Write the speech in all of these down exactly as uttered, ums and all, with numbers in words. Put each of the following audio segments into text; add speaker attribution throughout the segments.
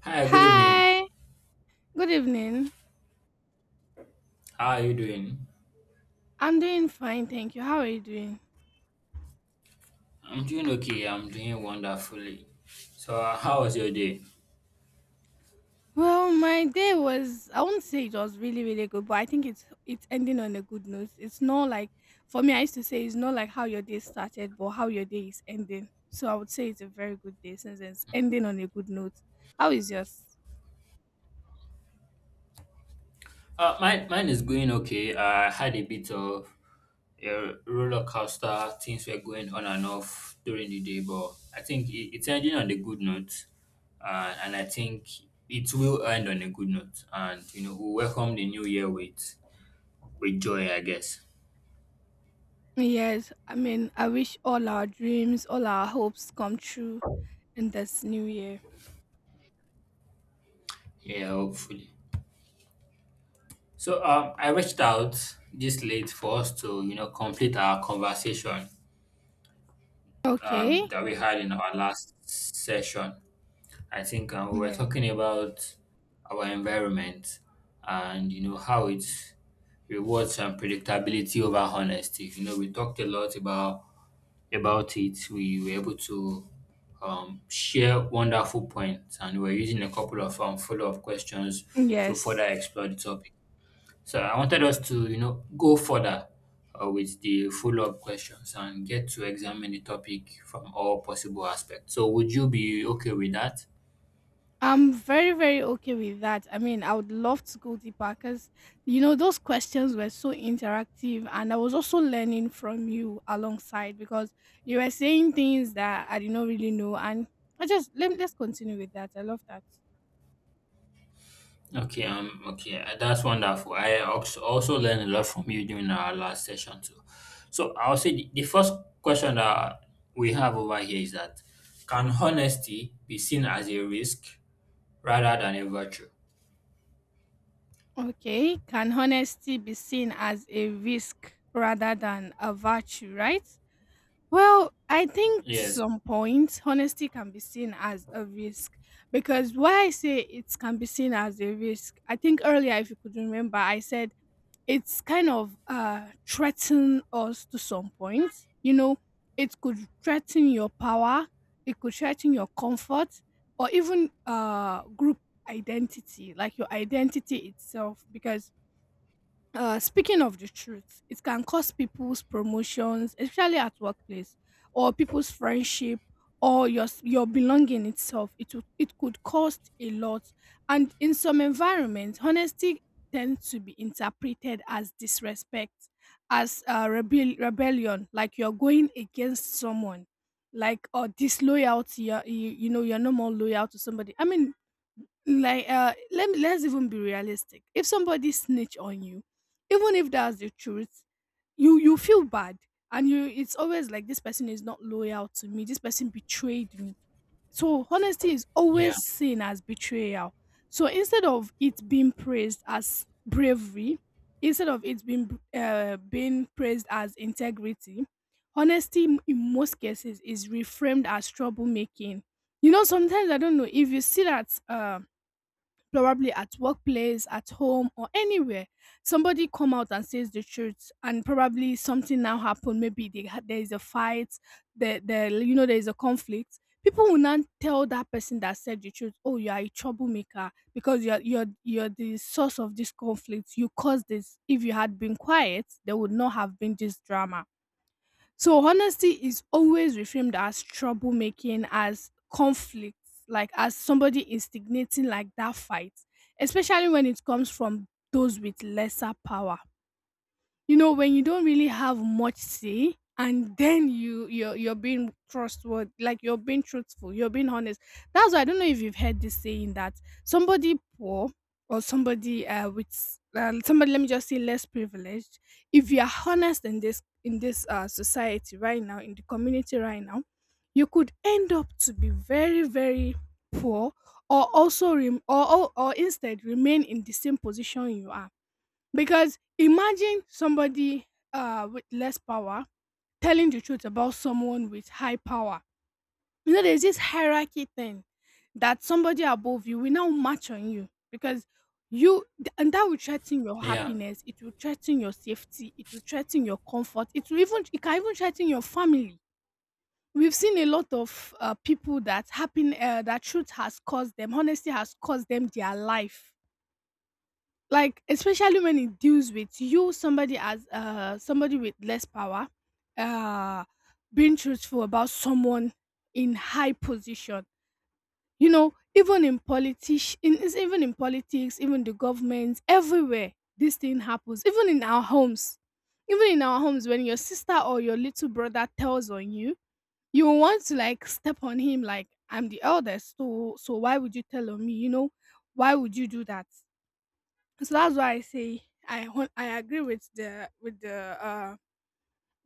Speaker 1: Hi, good evening.
Speaker 2: Hi, good evening.
Speaker 1: How are you doing?
Speaker 2: I'm doing fine, thank you. How are you doing?
Speaker 1: I'm doing okay. I'm doing wonderfully. So, uh, how was your day?
Speaker 2: Well, my day was I won't say it was really, really good, but I think it's it's ending on a good note. It's not like for me I used to say it's not like how your day started, but how your day is ending. So I would say it's a very good day since it's ending on a good note. How is yours?
Speaker 1: Uh, mine, mine is going okay. I had a bit of a roller coaster. Things were going on and off during the day, but I think it, it's ending on a good note. Uh, and I think it will end on a good note. And, you know, we welcome the new year with, with joy, I guess.
Speaker 2: Yes, I mean I wish all our dreams, all our hopes come true in this new year.
Speaker 1: Yeah, hopefully. So, um, I reached out this late for us to, you know, complete our conversation um,
Speaker 2: Okay.
Speaker 1: that we had in our last session. I think um, we were
Speaker 2: Yeah.
Speaker 1: talking about our environment and you know how it rewards um, predictability over honesty. You know, we talked a lot about about it. We were able to um, share wonderful points, and we were using a couple of um, follow up questions to
Speaker 2: Yes.
Speaker 1: further explore the topic. So I wanted us to, you know, go further uh, with the follow-up questions and get to examine the topic from all possible aspects. So would you be okay with that?
Speaker 2: I'm very, very okay with that. I mean, I would love to go deeper because, you know, those questions were so interactive. And I was also learning from you alongside because you were saying things that I did not really know. And I just, let, Let's continue with that. I love that.
Speaker 1: Okay, um, okay, uh, that's wonderful. I also also learned a lot from you during our last session too. So I'll say the, the first question that we have over here is that can honesty be seen as a risk rather than a virtue?
Speaker 2: Okay, can honesty be seen as a risk rather than a virtue, right? Well, I think to
Speaker 1: Yes.
Speaker 2: some point, honesty can be seen as a risk because why I say it can be seen as a risk, I think earlier, if you could remember, I said it's kind of uh, threaten us to some point. You know, it could threaten your power, it could threaten your comfort, or even uh, group identity, like your identity itself, because uh, speaking of the truth, it can cause people's promotions, especially at workplace, or people's friendship, or your s- your belonging itself. It would- it could cost a lot, and in some environments, honesty tends to be interpreted as disrespect, as uh, rebel- rebellion, like you're going against someone, like or disloyalty. You're, you you know you're no more loyal to somebody. I mean, like uh let me let's even be realistic if somebody snitch on you even if that's the truth you you feel bad and you it's always like this person is not loyal to me, this person betrayed me. So honesty is
Speaker 1: Yeah.
Speaker 2: always seen as betrayal, so instead of it being praised as bravery, instead of it being uh, being praised as integrity, honesty m- in most cases is reframed as troublemaking. You know, sometimes I don't know if you see that. Um probably at workplace, at home, or anywhere. Somebody come out and says the truth, and probably something now happened. Maybe they, ha- there is a fight, there, there, you know, there is a conflict. People will not tell that person that said the truth, "Oh, you are a troublemaker because you're you're you're the source of this conflict. You caused this. If you had been quiet, there would not have been this drama." So honesty is always reframed as troublemaking, as conflict, like as somebody instigating like that fight, especially when it comes from those with lesser power. You know, when you don't really have much say and then you you're you're being trustworthy, like you're being truthful, you're being honest. That's why I don't know if you've heard this saying that somebody poor or somebody uh with uh, somebody, let me just say, less privileged, if you are honest in this in this uh society right now, in the community right now, you could end up to be very, very poor, or also rem- or, or or instead remain in the same position you are, because imagine somebody uh, with less power telling the truth about someone with high power. You know, there's this hierarchy thing that somebody above you will now match on you because you, and that will threaten your
Speaker 1: Yeah.
Speaker 2: happiness, it will threaten your safety, it will threaten your comfort, it will even, it can even threaten your family. We've seen a lot of uh, people that happen, uh, that truth has caused them, honesty has caused them their life, like especially when it deals with you somebody as uh somebody with less power uh being truthful about someone in high position. You know, even in politics, in is- even in politics, even the government, everywhere, this thing happens, even in our homes, even in our homes. When your sister or your little brother tells on you, you will want to like step on him, like I'm the eldest, so so why would you tell on me? You know, why would you do that? So that's why I say I hon- I agree with the with the uh,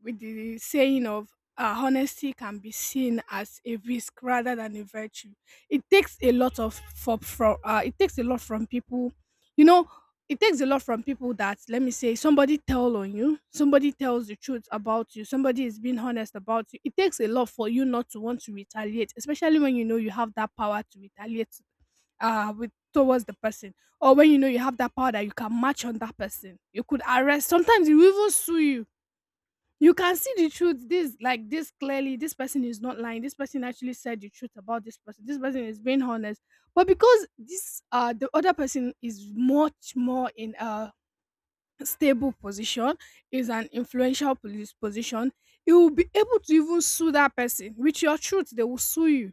Speaker 2: with the saying of uh, honesty can be seen as a risk rather than a virtue. It takes a lot of for, from uh, it takes a lot from people, you know. It takes a lot from people that, let me say, somebody tell on you, somebody tells the truth about you, somebody is being honest about you. It takes a lot for you not to want to retaliate, especially when you know you have that power to retaliate uh with towards the person, or when you know you have that power that you can match on that person. You could arrest, sometimes you even sue you. You can see the truth, this like this clearly. This person is not lying. This person actually said the truth about this person. This person is being honest. But because this uh the other person is much more in a stable position, is an influential police position, you will be able to even sue that person. With your truth, they will sue you.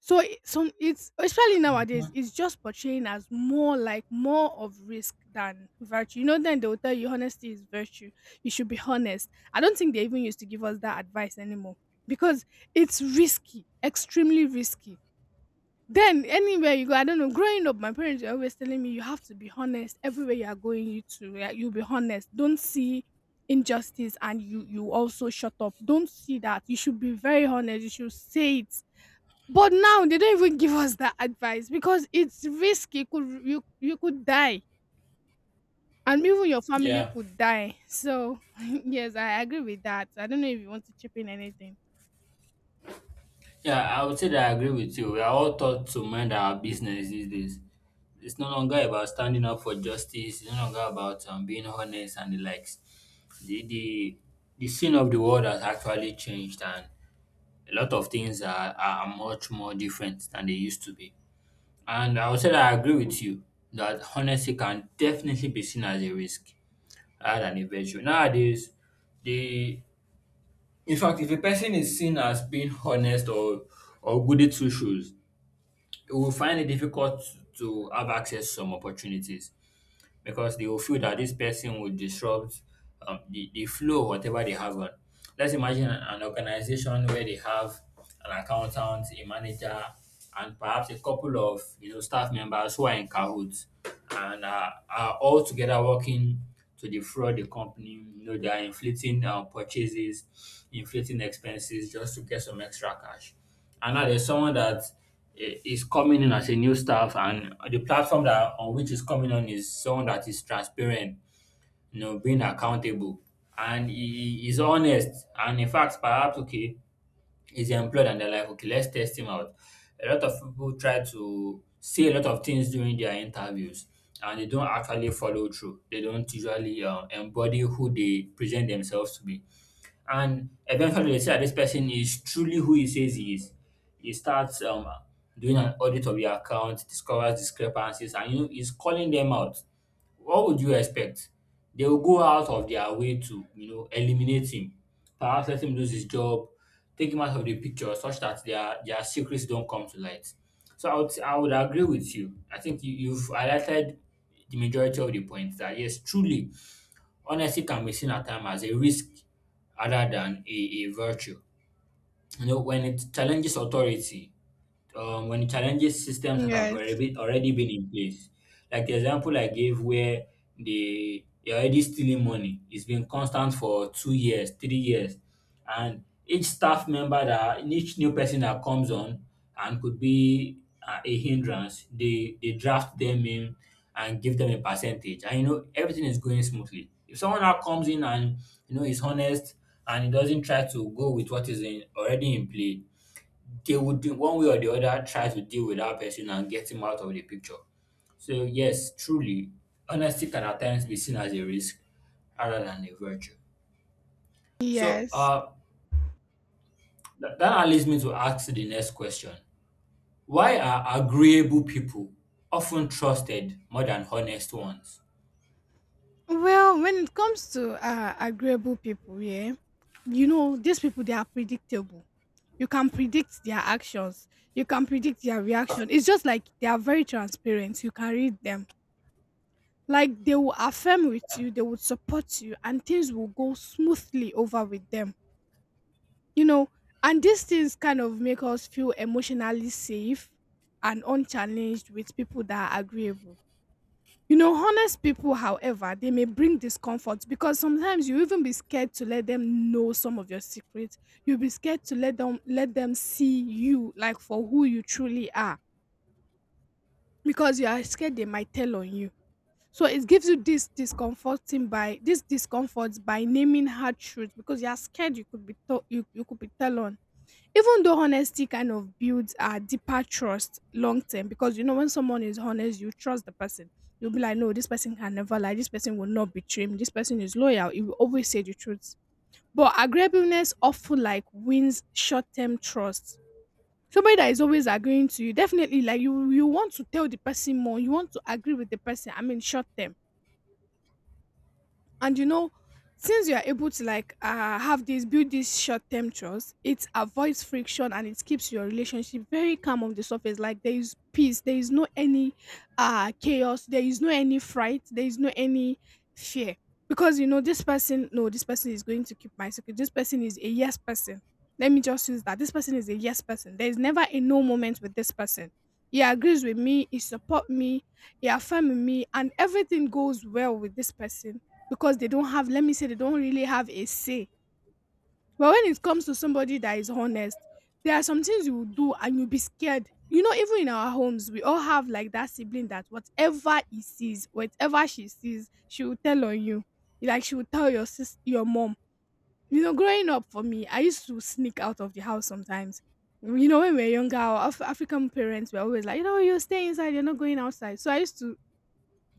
Speaker 2: So it, some it's especially nowadays,
Speaker 1: Mhm.
Speaker 2: it's just portraying as more like more of risk than virtue. You know, then they will tell you honesty is virtue. You should be honest. I don't think they even used to give us that advice anymore because it's risky, extremely risky. Then anywhere you go, I don't know. Growing up, my parents were always telling me you have to be honest everywhere you are going. You to yeah, you be honest. Don't see injustice and you you also shut up. Don't see that. You should be very honest. You should say it, but now they don't even give us that advice because it's risky. You Could you you could die, and even your family
Speaker 1: Yeah.
Speaker 2: could die. So yes, I agree with that. I don't know if you want to chip in anything.
Speaker 1: Yeah, I would say that I agree with you. We are all taught to mind our business these days. It's no longer about standing up for justice. It's no longer about um, being honest and the likes. The, the the scene of the world has actually changed, and a lot of things are, are much more different than they used to be. And I would say that I agree with you that honesty can definitely be seen as a risk rather than a virtue. Nowadays, the in fact, if a person is seen as being honest or or goody two shoes, we will find it difficult to have access to some opportunities because they will feel that this person will disrupt um, the, the flow, whatever they have on. Let's imagine an organization where they have an accountant, a manager, and perhaps a couple of you know staff members who are in cahoots and uh, are all together working to defraud the company. You know, they are inflating uh, purchases, inflating expenses just to get some extra cash. And now there's someone that i- is coming in as a new staff, and the platform that on which is coming on is someone that is transparent, you know, being accountable, and he he is honest. And in fact, perhaps okay, he's employed, and they're like, okay, let's test him out. A lot of people try to say a lot of things during their interviews, and they don't actually follow through. They don't usually uh, embody who they present themselves to be. And eventually, they say that this person is truly who he says he is. He starts um, doing an audit of your account, discovers discrepancies, and you know, he's calling them out. What would you expect? They will go out of their way to, you know, eliminate him, perhaps let him lose his job, take him out of the picture, such that their their secrets don't come to light. So I would I would agree with you. I think you, you've highlighted the majority of the points that yes, truly honesty can be seen at times as a risk rather than a, a virtue. You know, when it challenges authority, um, when it challenges systems that have already
Speaker 2: Yes.
Speaker 1: been, already been in place. Like the example I gave where they, they're already stealing money. It's been constant for two years, three years. And each staff member that, each new person that comes on and could be uh, a hindrance, they, they draft them in and give them a percentage. And you know, everything is going smoothly. If someone now comes in and, you know, is honest and he doesn't try to go with what is in, already in play, they would do one way or the other try to deal with that person and get him out of the picture. So yes, truly, honesty can at times be seen as a risk rather than a virtue. So
Speaker 2: Yes.
Speaker 1: uh, th- that leads me to ask the next question: Why are agreeable people often trusted more than honest ones?
Speaker 2: Well, when it comes to uh, agreeable people, yeah, you know, these people, they are predictable. You can predict their actions, you can predict their reaction. It's just like they are very transparent, you can read them. Like they will affirm with you, they would support you, and things will go smoothly over with them, you know. And these things kind of make us feel emotionally safe and unchallenged with people that are agreeable. You know, honest people, however, they may bring discomfort because sometimes you even be scared to let them know some of your secrets. You'll be scared to let them let them see you like for who you truly are because you are scared they might tell on you. So it gives you this discomforting by this discomfort by naming hard truths because you are scared you could be to- you, you could be tell on. Even though honesty kind of builds a deeper trust long term, because you know when someone is honest, you trust the person. You'll be like, no, this person can never lie. This person will not betray me. This person is loyal. He will always say the truth. But agreeableness often like wins short term trust. Somebody that is always agreeing to you, definitely like you you want to tell the person more. You want to agree with the person. I mean, short term, and you know, since you are able to like uh, have this build this short term trust, it avoids friction and it keeps your relationship very calm on the surface. Like there is peace, there is no any uh chaos, there is no any fright, there is no any fear, because you know this person, no, this person is going to keep my secret, this person is a yes person. Let me just use that, this person is a yes person, there is never a no moment with this person. He agrees with me, he support me, he affirm me, and everything goes well with this person because they don't have, let me say they don't really have a say. But when it comes to somebody that is honest, there are some things you will do and you'll be scared. You know, even in our homes, we all have like that sibling that whatever he sees, whatever she sees, she will tell on you. Like she will tell your sis your mom. You know, growing up for me, I used to sneak out of the house sometimes. You know, when we were younger, our Af- african parents were always like, you know, you stay inside, you're not going outside. So I used to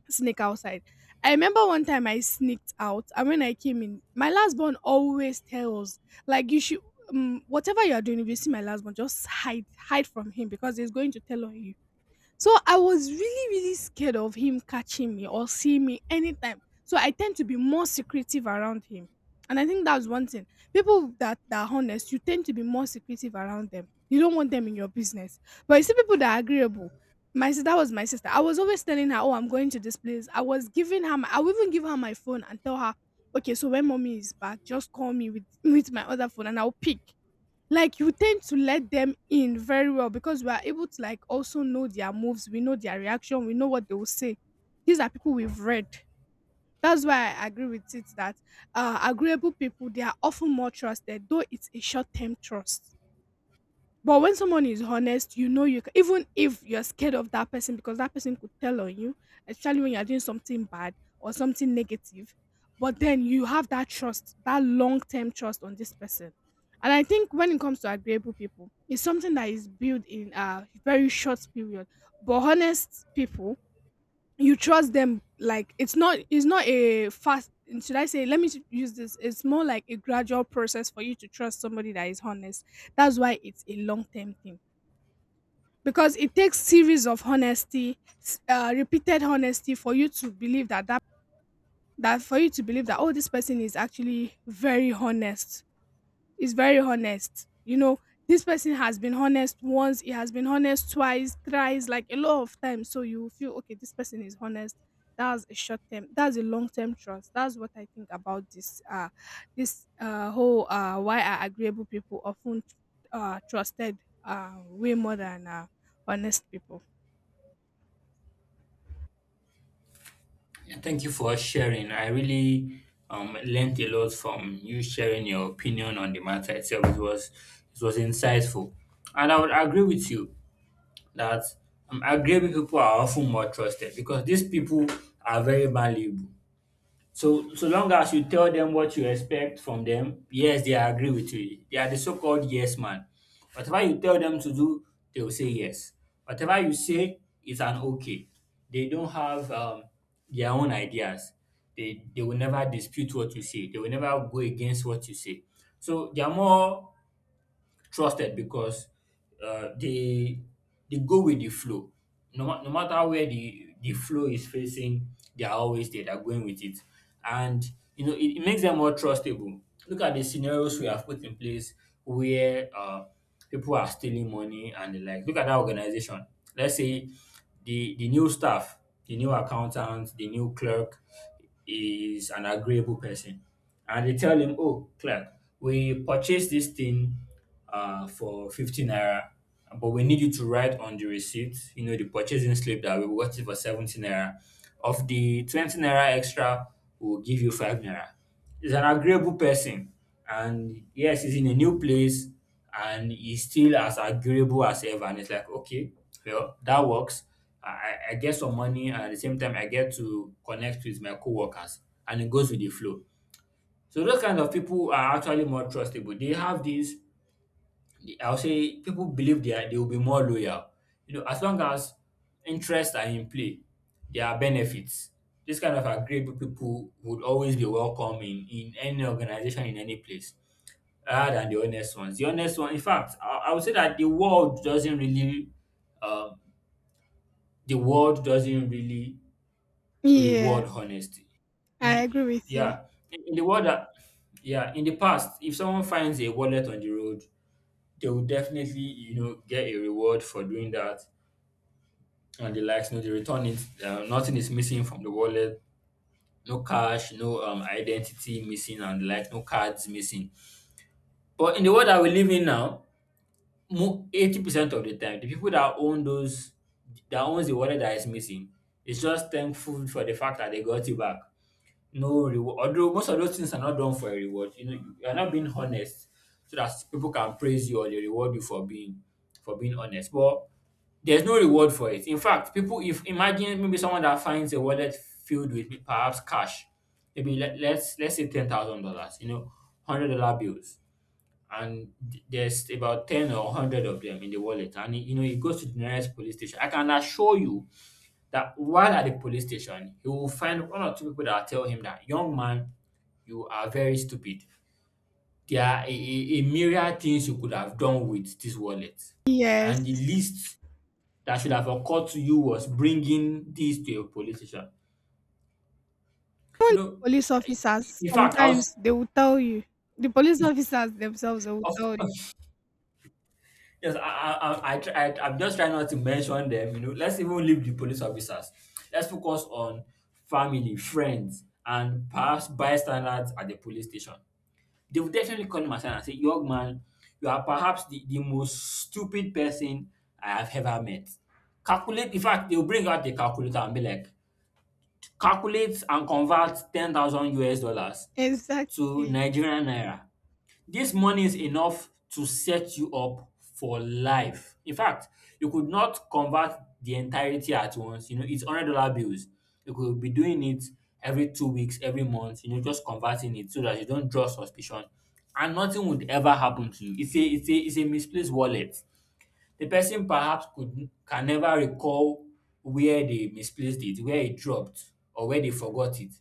Speaker 2: sneak outside. I remember one time I sneaked out, and when I came in, my last born always tells like you should um, whatever you are doing. If you see my last born, just hide, hide from him because he's going to tell on you. So I was really, really scared of him catching me or seeing me anytime. So I tend to be more secretive around him. And I think that's one thing. People that, that are honest, you tend to be more secretive around them. You don't want them in your business. But you see people that are agreeable. My sister, that was my sister. I was always telling her, "Oh, I'm going to this place." I was giving her my, I would even give her my phone and tell her, "Okay, so when mommy is back, just call me with, with my other phone and I'll pick," like you tend to let them in very well, because we are able to like also know their moves, we know their reaction, we know what they will say. These are people we've read. That's why I agree with it, that uh, agreeable people, they are often more trusted, though it's a short-term trust. But when someone is honest, you know you can, even if you're scared of that person because that person could tell on you, especially when you're doing something bad or something negative. But then you have that trust, that long term trust on this person. And I think when it comes to agreeable people, it's something that is built in a very short period. But honest people, you trust them, like it's not it's not a fast, should I say, let me use this, it's more like a gradual process for you to trust somebody that is honest. That's why it's a long term thing. Because it takes series of honesty s- uh, repeated honesty for you to believe that that that for you to believe that, oh, this person is actually very honest, is very honest. You know, this person has been honest once, he has been honest twice, thrice, like a lot of times. So you feel okay, this person is honest. That's a short term. That's a long term trust. That's what I think about this. Uh, this uh whole uh why are agreeable people often uh trusted uh way more than uh honest people.
Speaker 1: And thank you for sharing. I really um, learned a lot from you sharing your opinion on the matter itself. It was it was insightful, and I would agree with you that um, agreeable people are often more trusted because these people are very malleable. So so long as you tell them what you expect from them, yes, they agree with you. They are the so-called yes man. Whatever you tell them to do, they will say yes. Whatever you say is an okay. They don't have um, their own ideas. They they will never dispute what you say. They will never go against what you say. So they are more trusted because uh, they they go with the flow. No, ma- no matter where the the flow is facing, they are always there. They're going with it, and you know it, it makes them more trustable. Look at the scenarios we have put in place where uh, people are stealing money and the like. Look at that organization. Let's say the the new staff, the new accountant, the new clerk is an agreeable person, and they tell him, "Oh, clerk, we purchased this thing uh, for fifty naira, but we need you to write on the receipt, you know, the purchasing slip that we bought it for seventy naira. Of the twenty naira extra, we'll give you five naira." He's an agreeable person, and yes, he's in a new place and he's still as agreeable as ever. And it's like, okay, well, that works. I, I I get some money, and at the same time, I get to connect with my coworkers, and it goes with the flow. So those kind of people are actually more trustable. They have this. I'll say people believe they are, they will be more loyal. You know, as long as interests are in play, there are benefits. This kind of agreeable people would always be welcome in, in any organization, in any place rather than the honest ones. The honest one, in fact, I, I would say that the world doesn't really, um, the world doesn't really
Speaker 2: Yeah,
Speaker 1: reward honesty. In
Speaker 2: I agree
Speaker 1: the,
Speaker 2: with you.
Speaker 1: yeah, in, in the world that, yeah, in the past, if someone finds a wallet on the road, they will definitely, you know, get a reward for doing that and the likes. No, they return it. Uh, nothing is missing from the wallet. No cash, no um, identity missing and the like, no cards missing. But in the world that we live in now, mo- eighty percent of the time, the people that own those, that owns the wallet that is missing, is just thankful for the fact that they got it back. No reward. Although most of those things are not done for a reward. You know, you you are not being honest so that people can praise you or they reward you for being for being honest. But there's no reward for it. In fact, people, if imagine maybe someone that finds a wallet filled with perhaps cash, maybe let, let's let's say ten thousand dollars, you know, hundred dollar bills and th- there's about ten or a hundred of them in the wallet and he- you know he goes to the nearest police station. I can assure you that while at the police station he will find one or two people that will tell him that young man, you are very stupid. There are a, a, a myriad things you could have done with this wallet,
Speaker 2: Yes,
Speaker 1: and the least that should have occurred to you was bringing this to a police station. You know,
Speaker 2: police
Speaker 1: eh,
Speaker 2: officers
Speaker 1: in fact i was
Speaker 2: sometimes they will tell you. The police officers themselves they will tell you.
Speaker 1: of Yes, I, I, I, I, try- I, I'm just trying not to mention them. You know, let's even leave the police officers. Let's focus on family, friends, and perhaps bystanders at the police station. They will definitely call him aside and say, "Young man, you are perhaps the, the most stupid person I have ever met." Calculate. In fact, they will bring out the calculator and be like, "Calculate and convert ten thousand U S dollars to
Speaker 2: Exactly.
Speaker 1: Nigerian naira." This money is enough to set you up for life. In fact, you could not convert the entirety at once. You know, it's hundred dollar bills. You could be doing it every two weeks, every month. You know, just converting it so that you don't draw suspicion, and nothing would ever happen to you. It's a it's a it's a misplaced wallet. The person perhaps could can never recall where they misplaced it, where it dropped, or where they forgot it.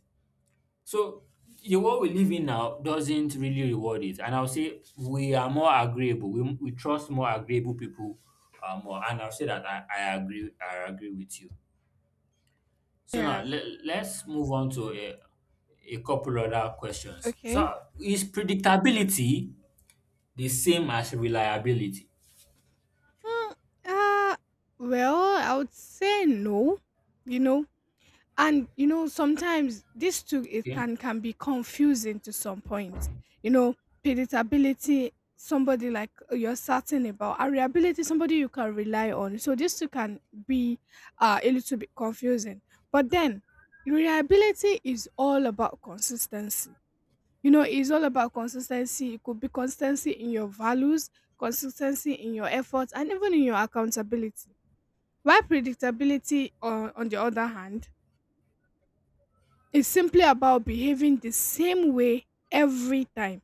Speaker 1: So the world we live in now doesn't really reward it, and I'll say we are more agreeable. We, we trust more agreeable people uh, more, and I'll say that I, I agree. I agree with you. So
Speaker 2: Yeah.
Speaker 1: now let, let's move on to a, a couple other questions. So
Speaker 2: Okay.
Speaker 1: is predictability the same as reliability?
Speaker 2: Hmm. Uh, well, I would say no, you know. And you know, sometimes this too it
Speaker 1: Okay.
Speaker 2: can can be confusing to some point. You know, predictability, somebody like you're certain about, and reliability, somebody you can rely on. So this two can be uh, a little bit confusing. But then reliability is all about consistency. You know, it's all about consistency. It could be consistency in your values, consistency in your efforts, and even in your accountability. While predictability, uh, on the other hand, is simply about behaving the same way every time.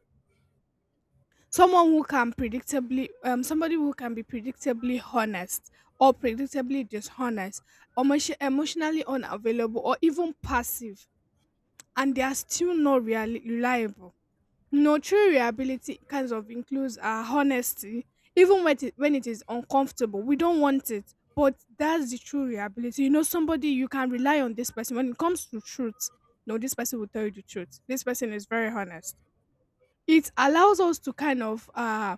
Speaker 2: Someone who can predictably, um, somebody who can be predictably honest or predictably dishonest, emotion- emotionally unavailable, or even passive, and they are still not reali- reliable. No, true reliability kinds of includes our honesty, even when it, when it is uncomfortable. We don't want it, but that's the true reliability. You know, somebody you can rely on this person when it comes to truth. No, this person will tell you the truth. This person is very honest. It allows us to kind of uh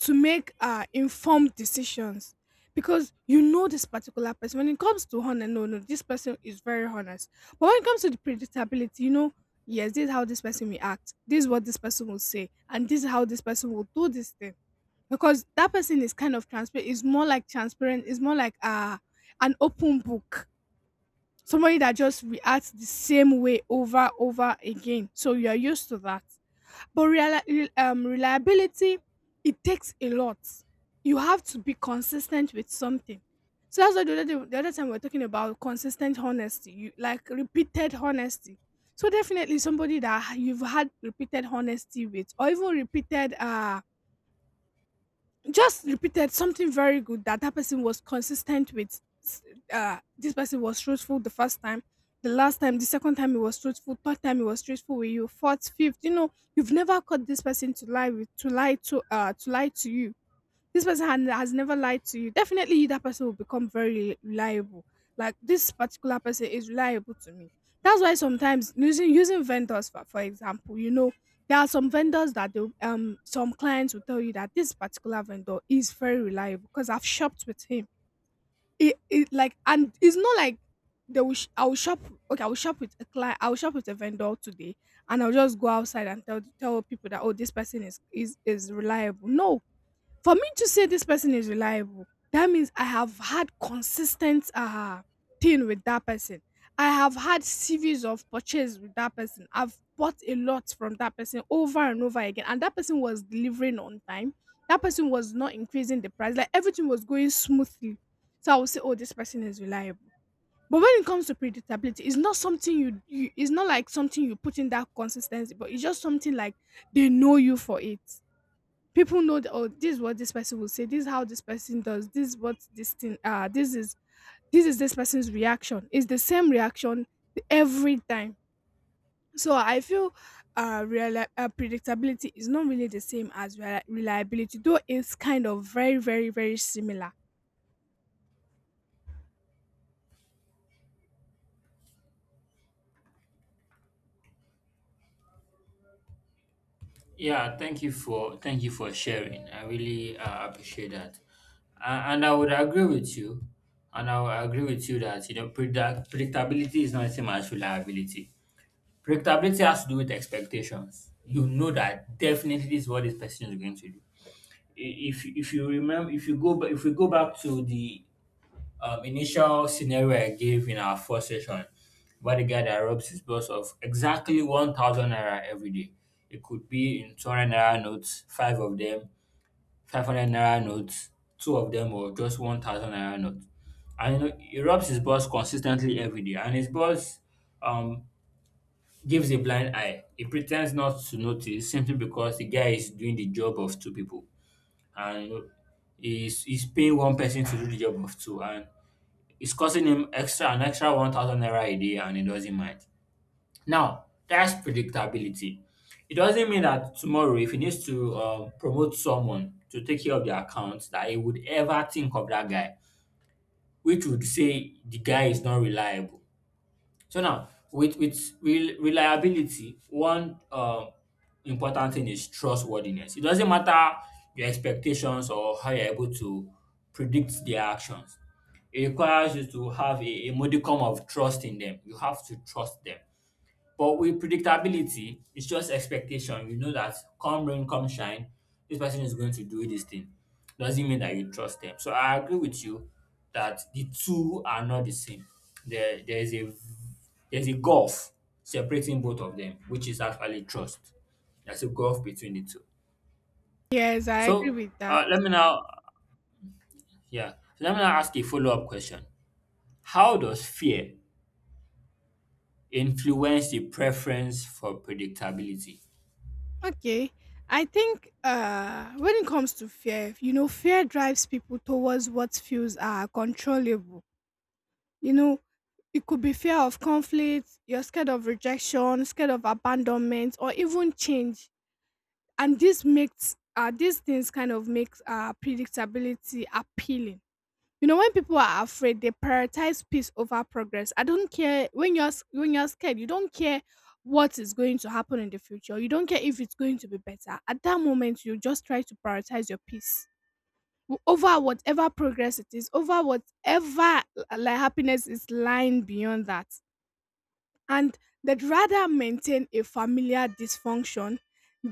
Speaker 2: to make uh, informed decisions because you know this particular person. When it comes to honor, no, no, this person is very honest. But when it comes to the predictability, you know, yes, this is how this person will act. This is what this person will say, and this is how this person will do this thing. Because that person is kind of transparent. It's more like transparent. It's more like uh, an open book. Somebody that just reacts the same way over over again. So you are used to that. But reali um, reliability, it takes a lot. You have to be consistent with something. So that's why the other, day, the other time we were talking about consistent honesty, you, like repeated honesty. So definitely somebody that you've had repeated honesty with, or even repeated uh just repeated something very good that that person was consistent with. S- Uh, this person was truthful the first time, the last time, the second time he was truthful, third time he was truthful with you, fourth, fifth. You know, you've never caught this person to lie with, to lie to, uh, to lie to you. This person had, has never lied to you. Definitely, that person will become very reliable. Like this particular person is reliable to me. That's why sometimes using using vendors for, for example, you know, there are some vendors that they, um some clients will tell you that this particular vendor is very reliable because I've shopped with him. It, it like and it's not like they will sh- I will shop, okay, I will shop with a client, I will shop with a vendor today and I'll just go outside and tell tell people that, oh, this person is is is reliable. No, for me to say this person is reliable, that means I have had consistent uh thing with that person. I have had series of purchase with that person. I've bought a lot from that person over and over again. And that person was delivering on time. That person was not increasing the price. Like everything was going smoothly. So I would say, oh, this person is reliable. But when it comes to predictability, it's not something you, you it's not like something you put in that consistency, but it's just something like they know you for it. People know that, oh, this is what this person will say, this is how this person does, this is what this thing uh this is, this is this person's reaction, it's the same reaction every time. So I feel uh, reali- uh predictability is not really the same as reli- reliability, though it's kind of very, very, very similar.
Speaker 1: Yeah, thank you for thank you for sharing. I really uh, appreciate that, uh, and I would agree with you. And I would agree with you that you know predict- predictability is not the same as reliability. Predictability has to do with expectations. You know that definitely this is what this person is going to do. I- If if you remember, if you go ba- if we go back to the um, initial scenario I gave in our first session, about the guy that robs his boss of exactly one thousand naira every day. It could be in two hundred naira notes, five of them, five hundred naira notes, two of them, or just one thousand naira notes. And you know, he robs his boss consistently every day, and his boss um, gives a blind eye. He pretends not to notice simply because the guy is doing the job of two people. And you know, he's, he's paying one person to do the job of two. And it's costing him extra an extra one thousand naira a day and he doesn't mind. Now, that's predictability. It doesn't mean that tomorrow, if he needs to um, promote someone to take care of the account, that he would ever think of that guy, which would say the guy is not reliable. So now, with with rel- reliability, one um, important thing is trustworthiness. It doesn't matter your expectations or how you're able to predict their actions. It requires you to have a, a modicum of trust in them. You have to trust them. But with predictability, it's just expectation. You know that come rain, come shine, this person is going to do this thing. Doesn't mean that you trust them. So I agree with you that the two are not the same. There, there is a there's a gulf separating both of them, which is actually trust. There's a gulf between the two.
Speaker 2: Yes, I agree
Speaker 1: So
Speaker 2: with that.
Speaker 1: uh, let me now, yeah, so let me now ask a follow up question. How does fear influence the preference for predictability?
Speaker 2: Okay, I think uh when it comes to fear, you know, fear drives people towards what feels uh controllable. You know, it could be fear of conflict, you're scared of rejection, scared of abandonment, or even change. And this makes uh, these things kind of makes uh, predictability appealing. You know, when people are afraid, they prioritize peace over progress. I don't care, when you're s- when you're scared, you don't care what is going to happen in the future. You don't care if it's going to be better. At that moment, you just try to prioritize your peace w- over whatever progress it is, over whatever uh, like happiness is lying beyond that, and they'd rather maintain a familiar dysfunction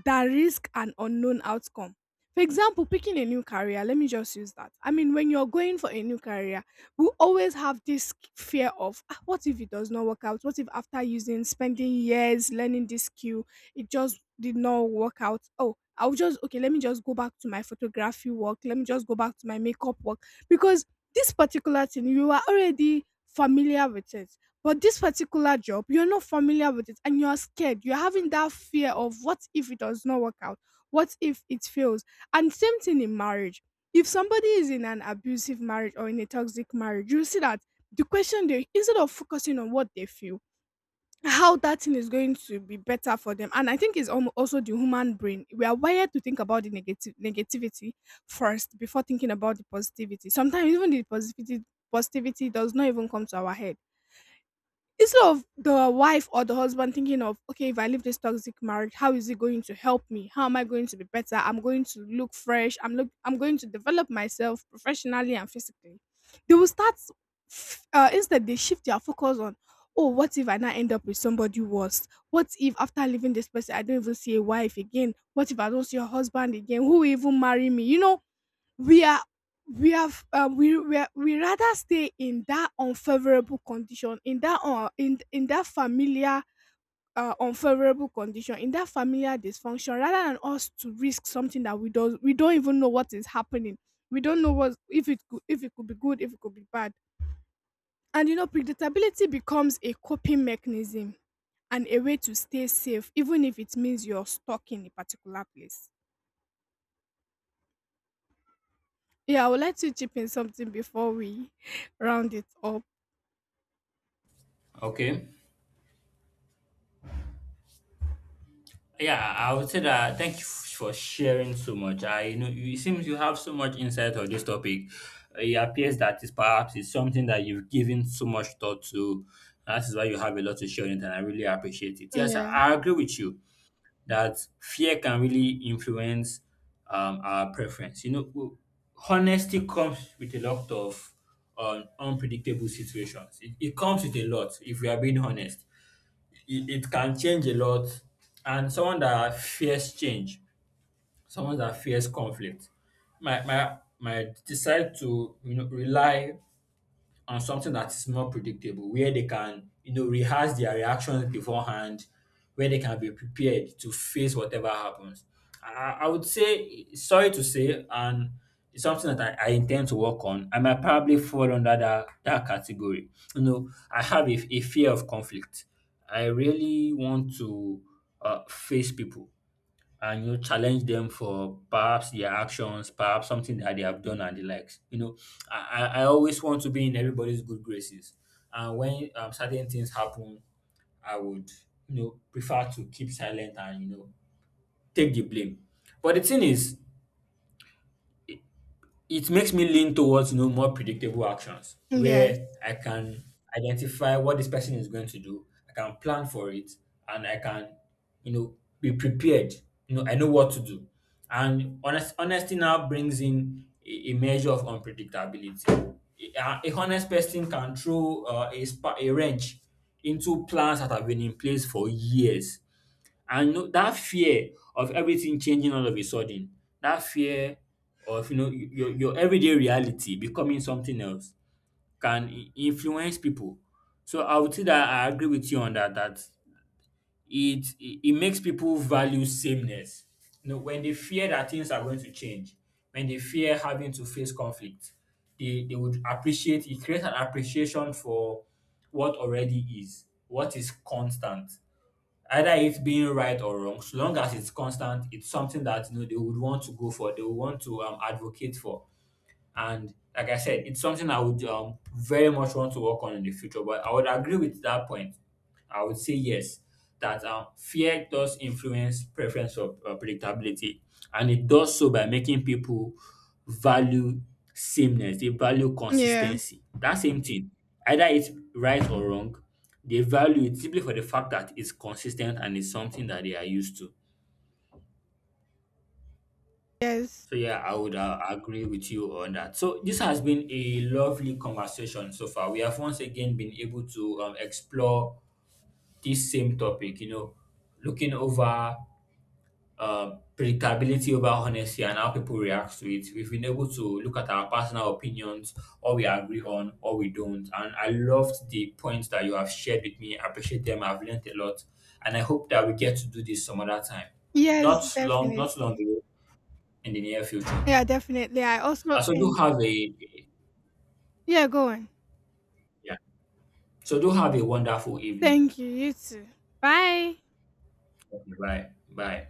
Speaker 2: than risk an unknown outcome. For example, picking a new career, let me just use that. I mean, when you're going for a new career, we always have this fear of, "Ah, what if it does not work out? What if after using, spending years learning this skill, it just did not work out? Oh, I'll just, okay, let me just go back to my photography work. Let me just go back to my makeup work." Because this particular thing, you are already familiar with it, but this particular job, you're not familiar with it and you're scared. You're having that fear of what if it does not work out? What if it fails? And same thing in marriage. If somebody is in an abusive marriage or in a toxic marriage, you see that the question they instead of focusing on what they feel, how that thing is going to be better for them. And I think it's almo- also the human brain. We are wired to think about the negative negativity first before thinking about the positivity. Sometimes even the positivity positivity does not even come to our head. Instead of the wife or the husband thinking of, okay, if I leave this toxic marriage, how is it going to help me, how am I going to be better, I'm going to look fresh, I'm look I'm going to develop myself professionally and physically, they will start f- uh, instead they shift their focus on, oh, what if I now end up with somebody worse, what if after leaving this person I don't even see a wife again, what if I don't see a husband again, who will even marry me, you know, we are we have um, we, we are- we rather stay in that unfavorable condition, in that uh, in in that familiar uh, unfavorable condition, in that familiar dysfunction, rather than us to risk something that we don't we don't even know what is happening. We don't know what if it could, if it could be good, if it could be bad. And you know, predictability becomes a coping mechanism and a way to stay safe, even if it means you're stuck in a particular place. Yeah, I would like to chip in something before we round it up.
Speaker 1: Okay. Yeah, I would say that thank you f- for sharing so much. I you know you- it seems you have so much insight on this topic. It appears that it's perhaps it's something that you've given so much thought to. That is why you have a lot to share on it, and I really appreciate it. Yes, I
Speaker 2: Yeah.
Speaker 1: I agree with you that fear can really influence um, our preference. You know, w- honesty comes with a lot of um, unpredictable situations. It, it comes with a lot, if we are being honest. It, it can change a lot. And someone that fears change, someone that fears conflict, might, might, might decide to you know, rely on something that is more predictable, where they can, you know, rehearse their reactions beforehand, where they can be prepared to face whatever happens. I, I would say, sorry to say, and it's something that I, I intend to work on. I might probably fall under that, that category. You know, I have a, a fear of conflict. I really want to uh, face people and you challenge them for perhaps their actions perhaps something that they have done and the likes you know i i I always want to be in everybody's good graces and when um, certain things happen I would you know prefer to keep silent and you know take the blame but the thing is it makes me lean towards you know more predictable actions
Speaker 2: Yes.
Speaker 1: where I can identify what this person is going to do. I can plan for it, and I can you know be prepared. You know I know what to do, and honest honesty now brings in a, a measure of unpredictability. A, a honest person can throw uh, a spa, a wrench into plans that have been in place for years and no, that fear of everything changing all of a sudden, that fear of you know y- your your everyday reality becoming something else can i- influence people. So I would say that I agree with you on that. That it it, it makes people value sameness. You know, when they fear that things are going to change, when they fear having to face conflict, they they would appreciate. It creates an appreciation for what already is, what is constant. Either it being right or wrong, so long as it's constant, it's something that you know they would want to go for, they would want to um, advocate for. And like I said, it's something I would um, very much want to work on in the future. But I would agree with that point. I would say yes, that um, fear does influence preference for uh, predictability, and it does so by making people value sameness. They value
Speaker 2: Yeah.
Speaker 1: consistency. That same thing, either it's right or wrong, they value it simply for the fact that it's consistent and it's something that they are used to.
Speaker 2: Yes.
Speaker 1: So yeah, I would uh, agree with you on that. So this has been a lovely conversation so far. We have once again been able to um, explore this same topic, you know, looking over uh, predictability over honesty and how people react to it. We've been able to look at our personal opinions, or we agree on, or we don't. And I loved the points that you have shared with me. I appreciate them. I've learned a lot. And I hope that we get to do this some other time.
Speaker 2: Yes,
Speaker 1: Not long, not long
Speaker 2: definitely.
Speaker 1: ago in the near future.
Speaker 2: Yeah, definitely. I also
Speaker 1: Uh, so do
Speaker 2: end.
Speaker 1: have a
Speaker 2: Yeah, go on.
Speaker 1: yeah. So do have a wonderful evening.
Speaker 2: Thank you. You too. Bye.
Speaker 1: Okay, bye. Bye.